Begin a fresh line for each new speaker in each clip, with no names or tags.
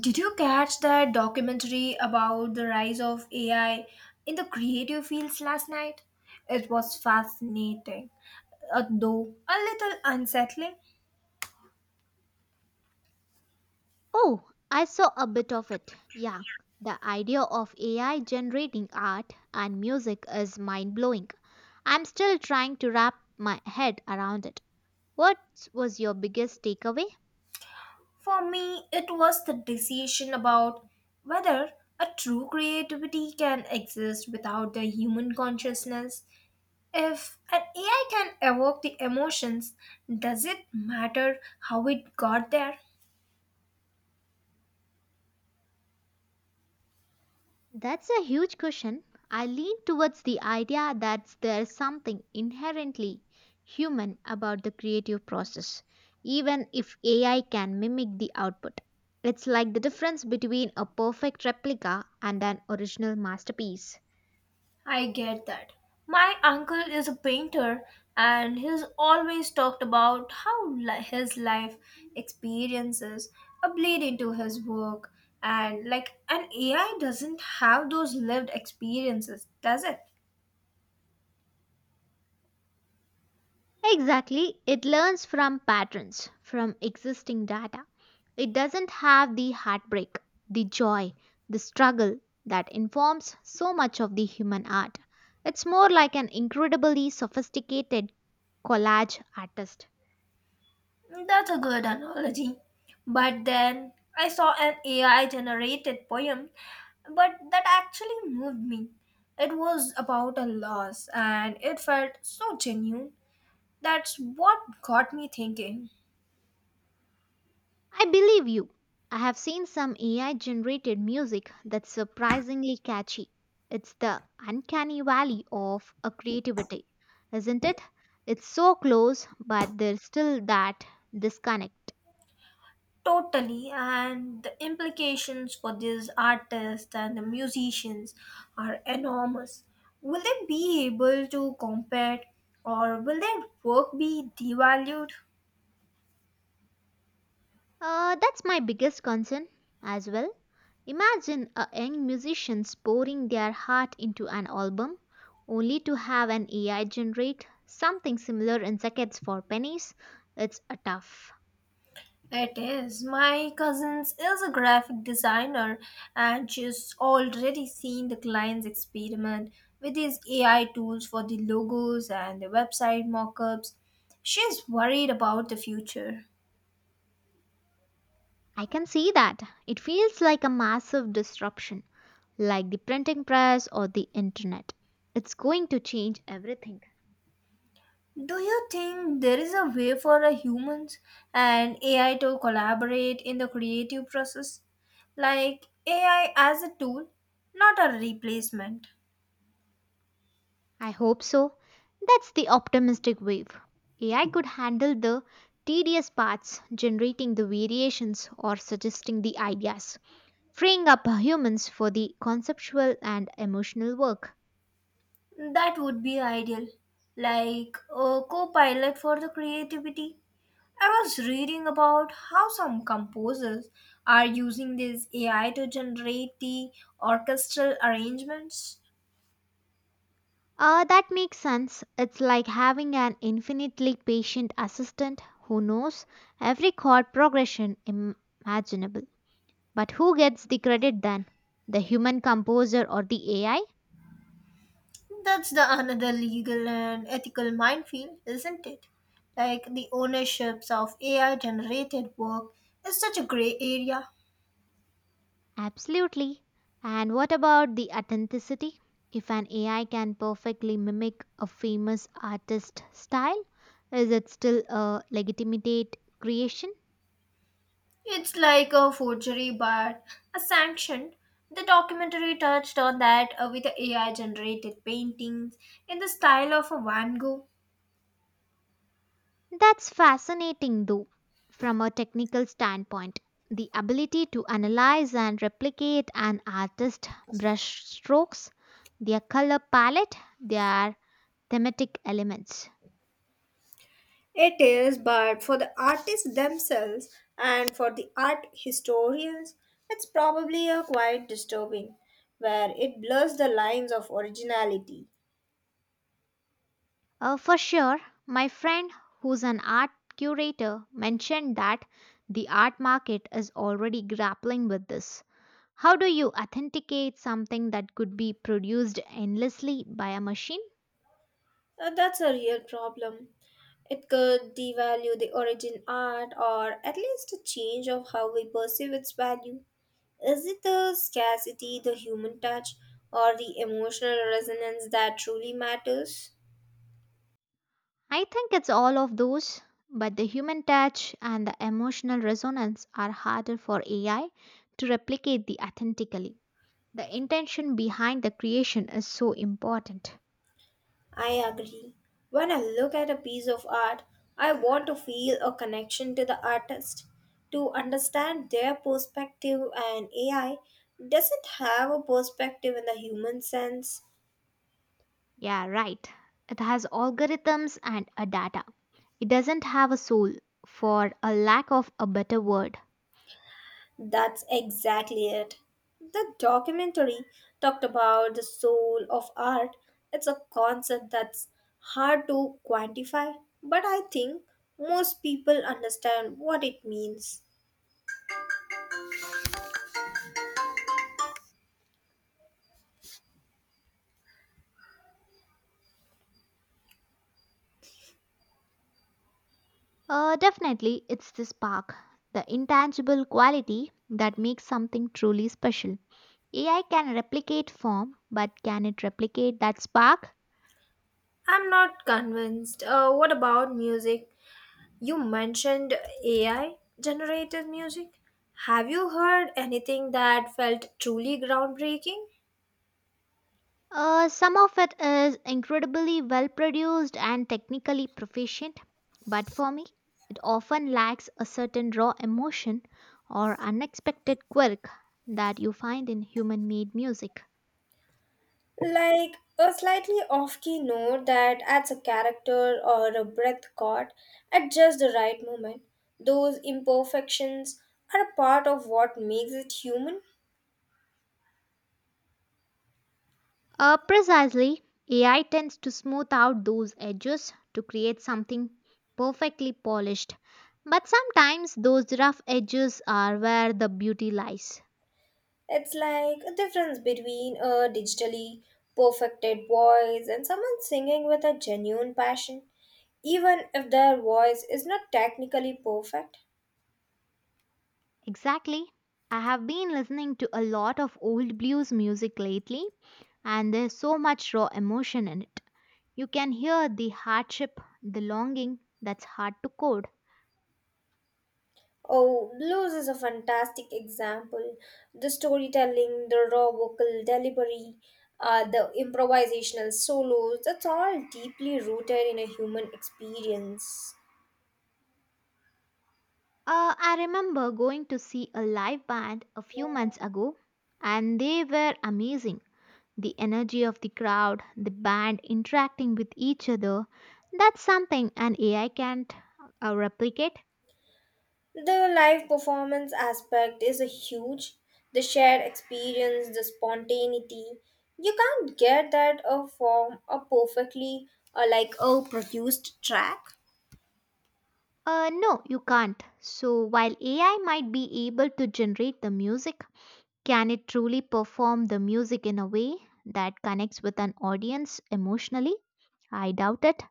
Did you catch that documentary about the rise of AI in the creative fields last night? It was fascinating, though a little unsettling.
Oh, I saw a bit of it. Yeah, the idea of AI generating art and music is mind blowing. I'm still trying to wrap my head around it. What was your biggest takeaway?
For me, it was the decision about whether a true creativity can exist without the human consciousness. If an AI can evoke the emotions, does it matter how it got there?
That's a huge question. I lean towards the idea that there's something inherently human about the creative process, even if AI can mimic the output. It's like the difference between a perfect replica and an original masterpiece.
I get that. My uncle is a painter and he's always talked about how his life experiences are bleed into his work, and like an AI doesn't have those lived experiences, does it?
Exactly, it learns from patterns, from existing data. It doesn't have the heartbreak, the joy, the struggle that informs so much of the human art. It's more like an incredibly sophisticated collage artist.
That's a good analogy. But then I saw an AI generated poem but that actually moved me. It was about a loss and it felt so genuine. That's what got me thinking.
I believe you. I have seen some AI generated music that's surprisingly catchy. It's the uncanny valley of a creativity, isn't it? It's so close, but there's still that disconnect.
Totally, and the implications for these artists and the musicians are enormous. Will they be able to compete or will their work be devalued?
That's my biggest concern as well. Imagine a young musician pouring their heart into an album only to have an AI generate something similar in seconds for pennies. It's a tough.
It is. My cousins is a graphic designer and she's already seen the clients experiment with these AI tools for the logos and the website mockups. She's worried about the future.
I can see that. It feels like a massive disruption, like the printing press or the internet. It's going to change everything.
Do you think there is a way for a humans and AI to collaborate in the creative process? Like AI as a tool, not a replacement.
I hope so. That's the optimistic wave. AI could handle the tedious parts, generating the variations or suggesting the ideas, freeing up humans for the conceptual and emotional work.
That would be ideal. Like a co pilot for the creativity. I was reading about how some composers are using this AI to generate the orchestral arrangements.
That makes sense. It's like having an infinitely patient assistant who knows every chord progression imaginable. But who gets the credit then? The human composer or the AI?
That's the another legal and ethical minefield, isn't it? Like the ownerships of AI generated work is such a gray area.
Absolutely. And what about the authenticity? If an AI can perfectly mimic a famous artist style, is it still a legitimate creation?
It's like a forgery but a sanction. The documentary touched on that, with the AI generated paintings in the style of a Van Gogh.
That's fascinating, though, from a technical standpoint. The ability to analyze and replicate an artist's brush strokes, their color palette, their thematic elements.
It is, but for the artists themselves and for the art historians, it's probably a quite disturbing, where it blurs the lines of originality.
For sure, my friend who's an art curator mentioned that the art market is already grappling with this. How do you authenticate something that could be produced endlessly by a machine?
That's a real problem. It could devalue the origin art or at least a change of how we perceive its value. Is it the scarcity, the human touch, or the emotional resonance that truly matters?
I think it's all of those, but the human touch and the emotional resonance are harder for AI to replicate the authentically. The intention behind the creation is so important.
I agree. When I look at a piece of art, I want to feel a connection to the artist, to understand their perspective, and AI doesn't have a perspective in the human sense.
Yeah, right. It has algorithms and a data. It doesn't have a soul, for a lack of a better word.
That's exactly it. The documentary talked about the soul of art. It's a concept that's hard to quantify, but I think most people understand what it means.
Definitely, it's the spark, the intangible quality that makes something truly special. AI can replicate form, but can it replicate that spark?
I'm not convinced. What about music? You mentioned AI generated music. Have you heard anything that felt truly groundbreaking?
Some of it is incredibly well produced and technically proficient, but for me, it often lacks a certain raw emotion or unexpected quirk that you find in human made music.
Like a slightly off key note that adds a character or a breath chord at just the right moment. Those imperfections are a part of what makes it human.
Precisely, AI tends to smooth out those edges to create something perfectly polished. But sometimes those rough edges are where the beauty lies.
It's like a difference between a digitally perfected voice and someone singing with a genuine passion, even if their voice is not technically perfect.
Exactly. I have been listening to a lot of old blues music lately, and there's so much raw emotion in it. You can hear the hardship, the longing that's hard to code.
Oh, Blues is a fantastic example. The storytelling, the raw vocal delivery, the improvisational solos, that's all deeply rooted in a human experience.
I remember going to see a live band a few months ago, and they were amazing. The energy of the crowd, the band interacting with each other. That's something an AI can't replicate.
The live performance aspect is a huge. The shared experience, the spontaneity. You can't get that from a perfectly, like a produced track.
No, you can't. So, while AI might be able to generate the music, can it truly perform the music in a way that connects with an audience emotionally? I doubt it.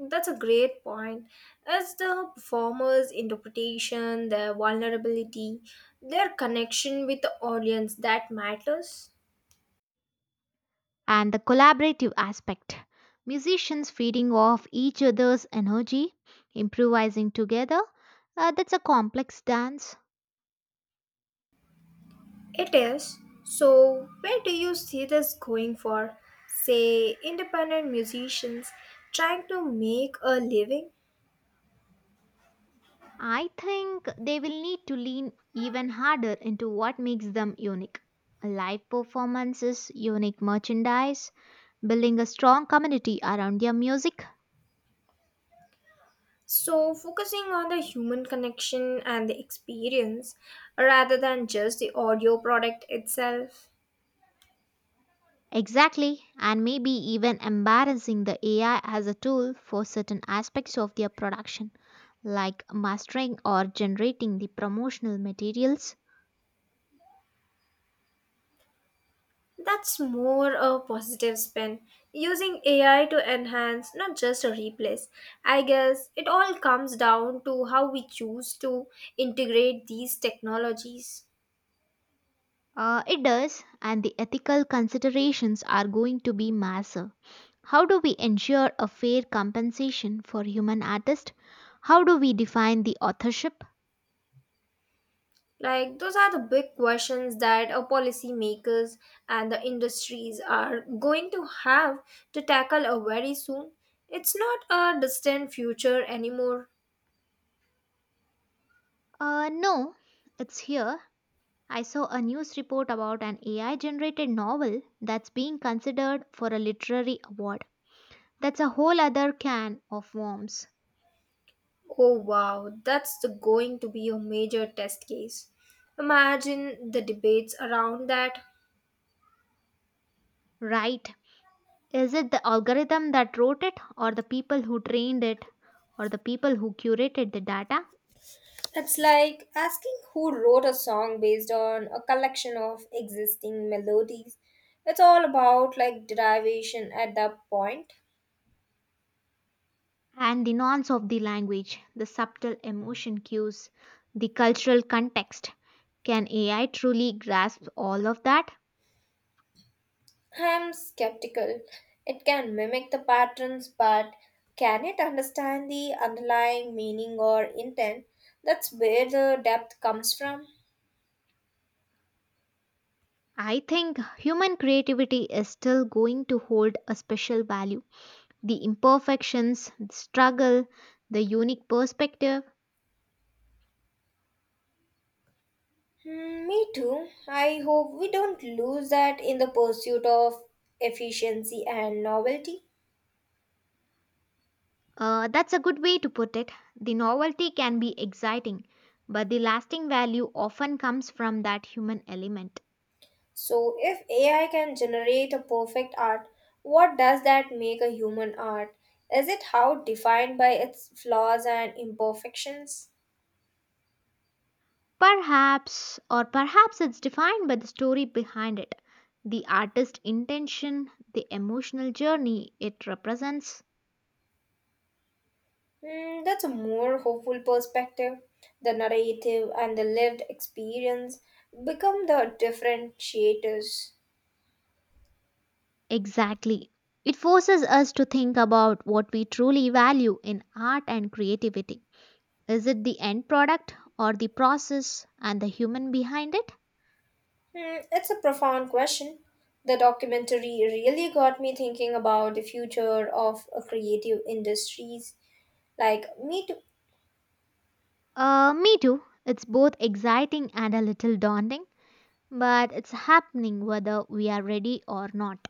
That's a great point. It's the performer's interpretation, their vulnerability, their connection with the audience that matters.
And the collaborative aspect musicians feeding off each other's energy, improvising together. That's a complex dance.
It is. So, where do you see this going for, say, independent musicians trying to make a living?
I think they will need to lean even harder into what makes them unique. Live performances, unique merchandise, building a strong community around their music.
So, focusing on the human connection and the experience rather than just the audio product itself.
Exactly, and maybe even embarrassing the AI as a tool for certain aspects of their production, like mastering or generating the promotional materials.
That's more a positive spin. Using AI to enhance, not just a replace. I guess it all comes down to how we choose to integrate these technologies.
It does, and the ethical considerations are going to be massive. How do we ensure a fair compensation for human artists? How do we define the authorship?
Like, those are the big questions that our policymakers and the industries are going to have to tackle, very soon. It's not a distant future anymore.
No, it's here. I saw a news report about an AI generated novel that's being considered for a literary award. That's a whole other can of worms.
Oh wow, going to be a major test case. Imagine the debates around that.
Right. Is it the algorithm that wrote it, or the people who trained it, or the people who curated the data?
It's like asking who wrote a song based on a collection of existing melodies. It's all about like derivation at that point.
And the nuance of the language, the subtle emotion cues, the cultural context. Can AI truly grasp all of that?
I'm skeptical. It can mimic the patterns, but can it understand the underlying meaning or intent? That's where the depth comes from.
I think human creativity is still going to hold a special value. The imperfections, the struggle, the unique perspective.
Hmm, me too. I hope we don't lose that in the pursuit of efficiency and novelty.
That's a good way to put it. The novelty can be exciting, but the lasting value often comes from that human element.
So, if AI can generate a perfect art, what does that make a human art? Is it how defined by its flaws and imperfections?
Perhaps, or perhaps it's defined by the story behind it, the artist's intention, the emotional journey it represents.
Hmm, that's a more hopeful perspective. The narrative and the lived experience become the differentiators.
Exactly. It forces us to think about what we truly value in art and creativity. Is it the end product or the process and the human behind it?
Hmm, it's a profound question. The documentary really got me thinking about the future of, creative industries. Like, me too.
Me too. It's both exciting and a little daunting, but it's happening whether we are ready or not.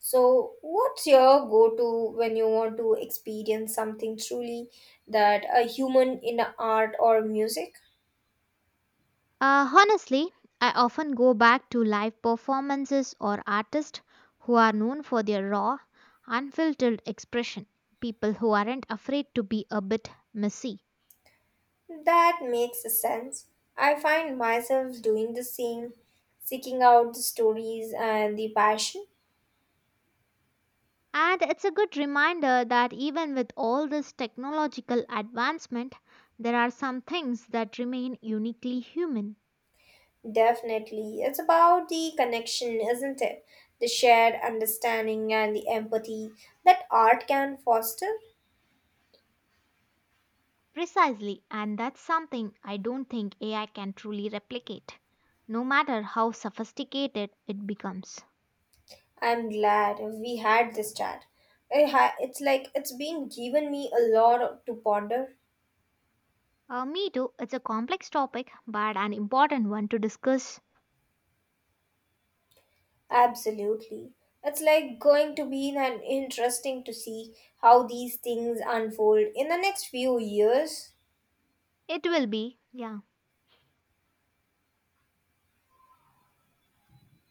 So, what's your go to when you want to experience something truly that a human in art or music?
Honestly, I often go back to live performances or artists who are known for their raw, unfiltered expression, people who aren't afraid to be a bit messy.
That makes sense. I find myself doing the same, seeking out the stories and the passion.
And it's a good reminder that even with all this technological advancement, there are some things that remain uniquely human.
Definitely. It's about the connection, isn't it? The shared understanding and the empathy that art can foster.
Precisely, and that's something I don't think AI can truly replicate, no matter how sophisticated it becomes.
I'm glad we had this chat. It's like it's been given me a lot to ponder.
Me too. It's a complex topic, but an important one to discuss.
Absolutely. It's like going to be an interesting to see how these things unfold in the next few years.
It will be, yeah.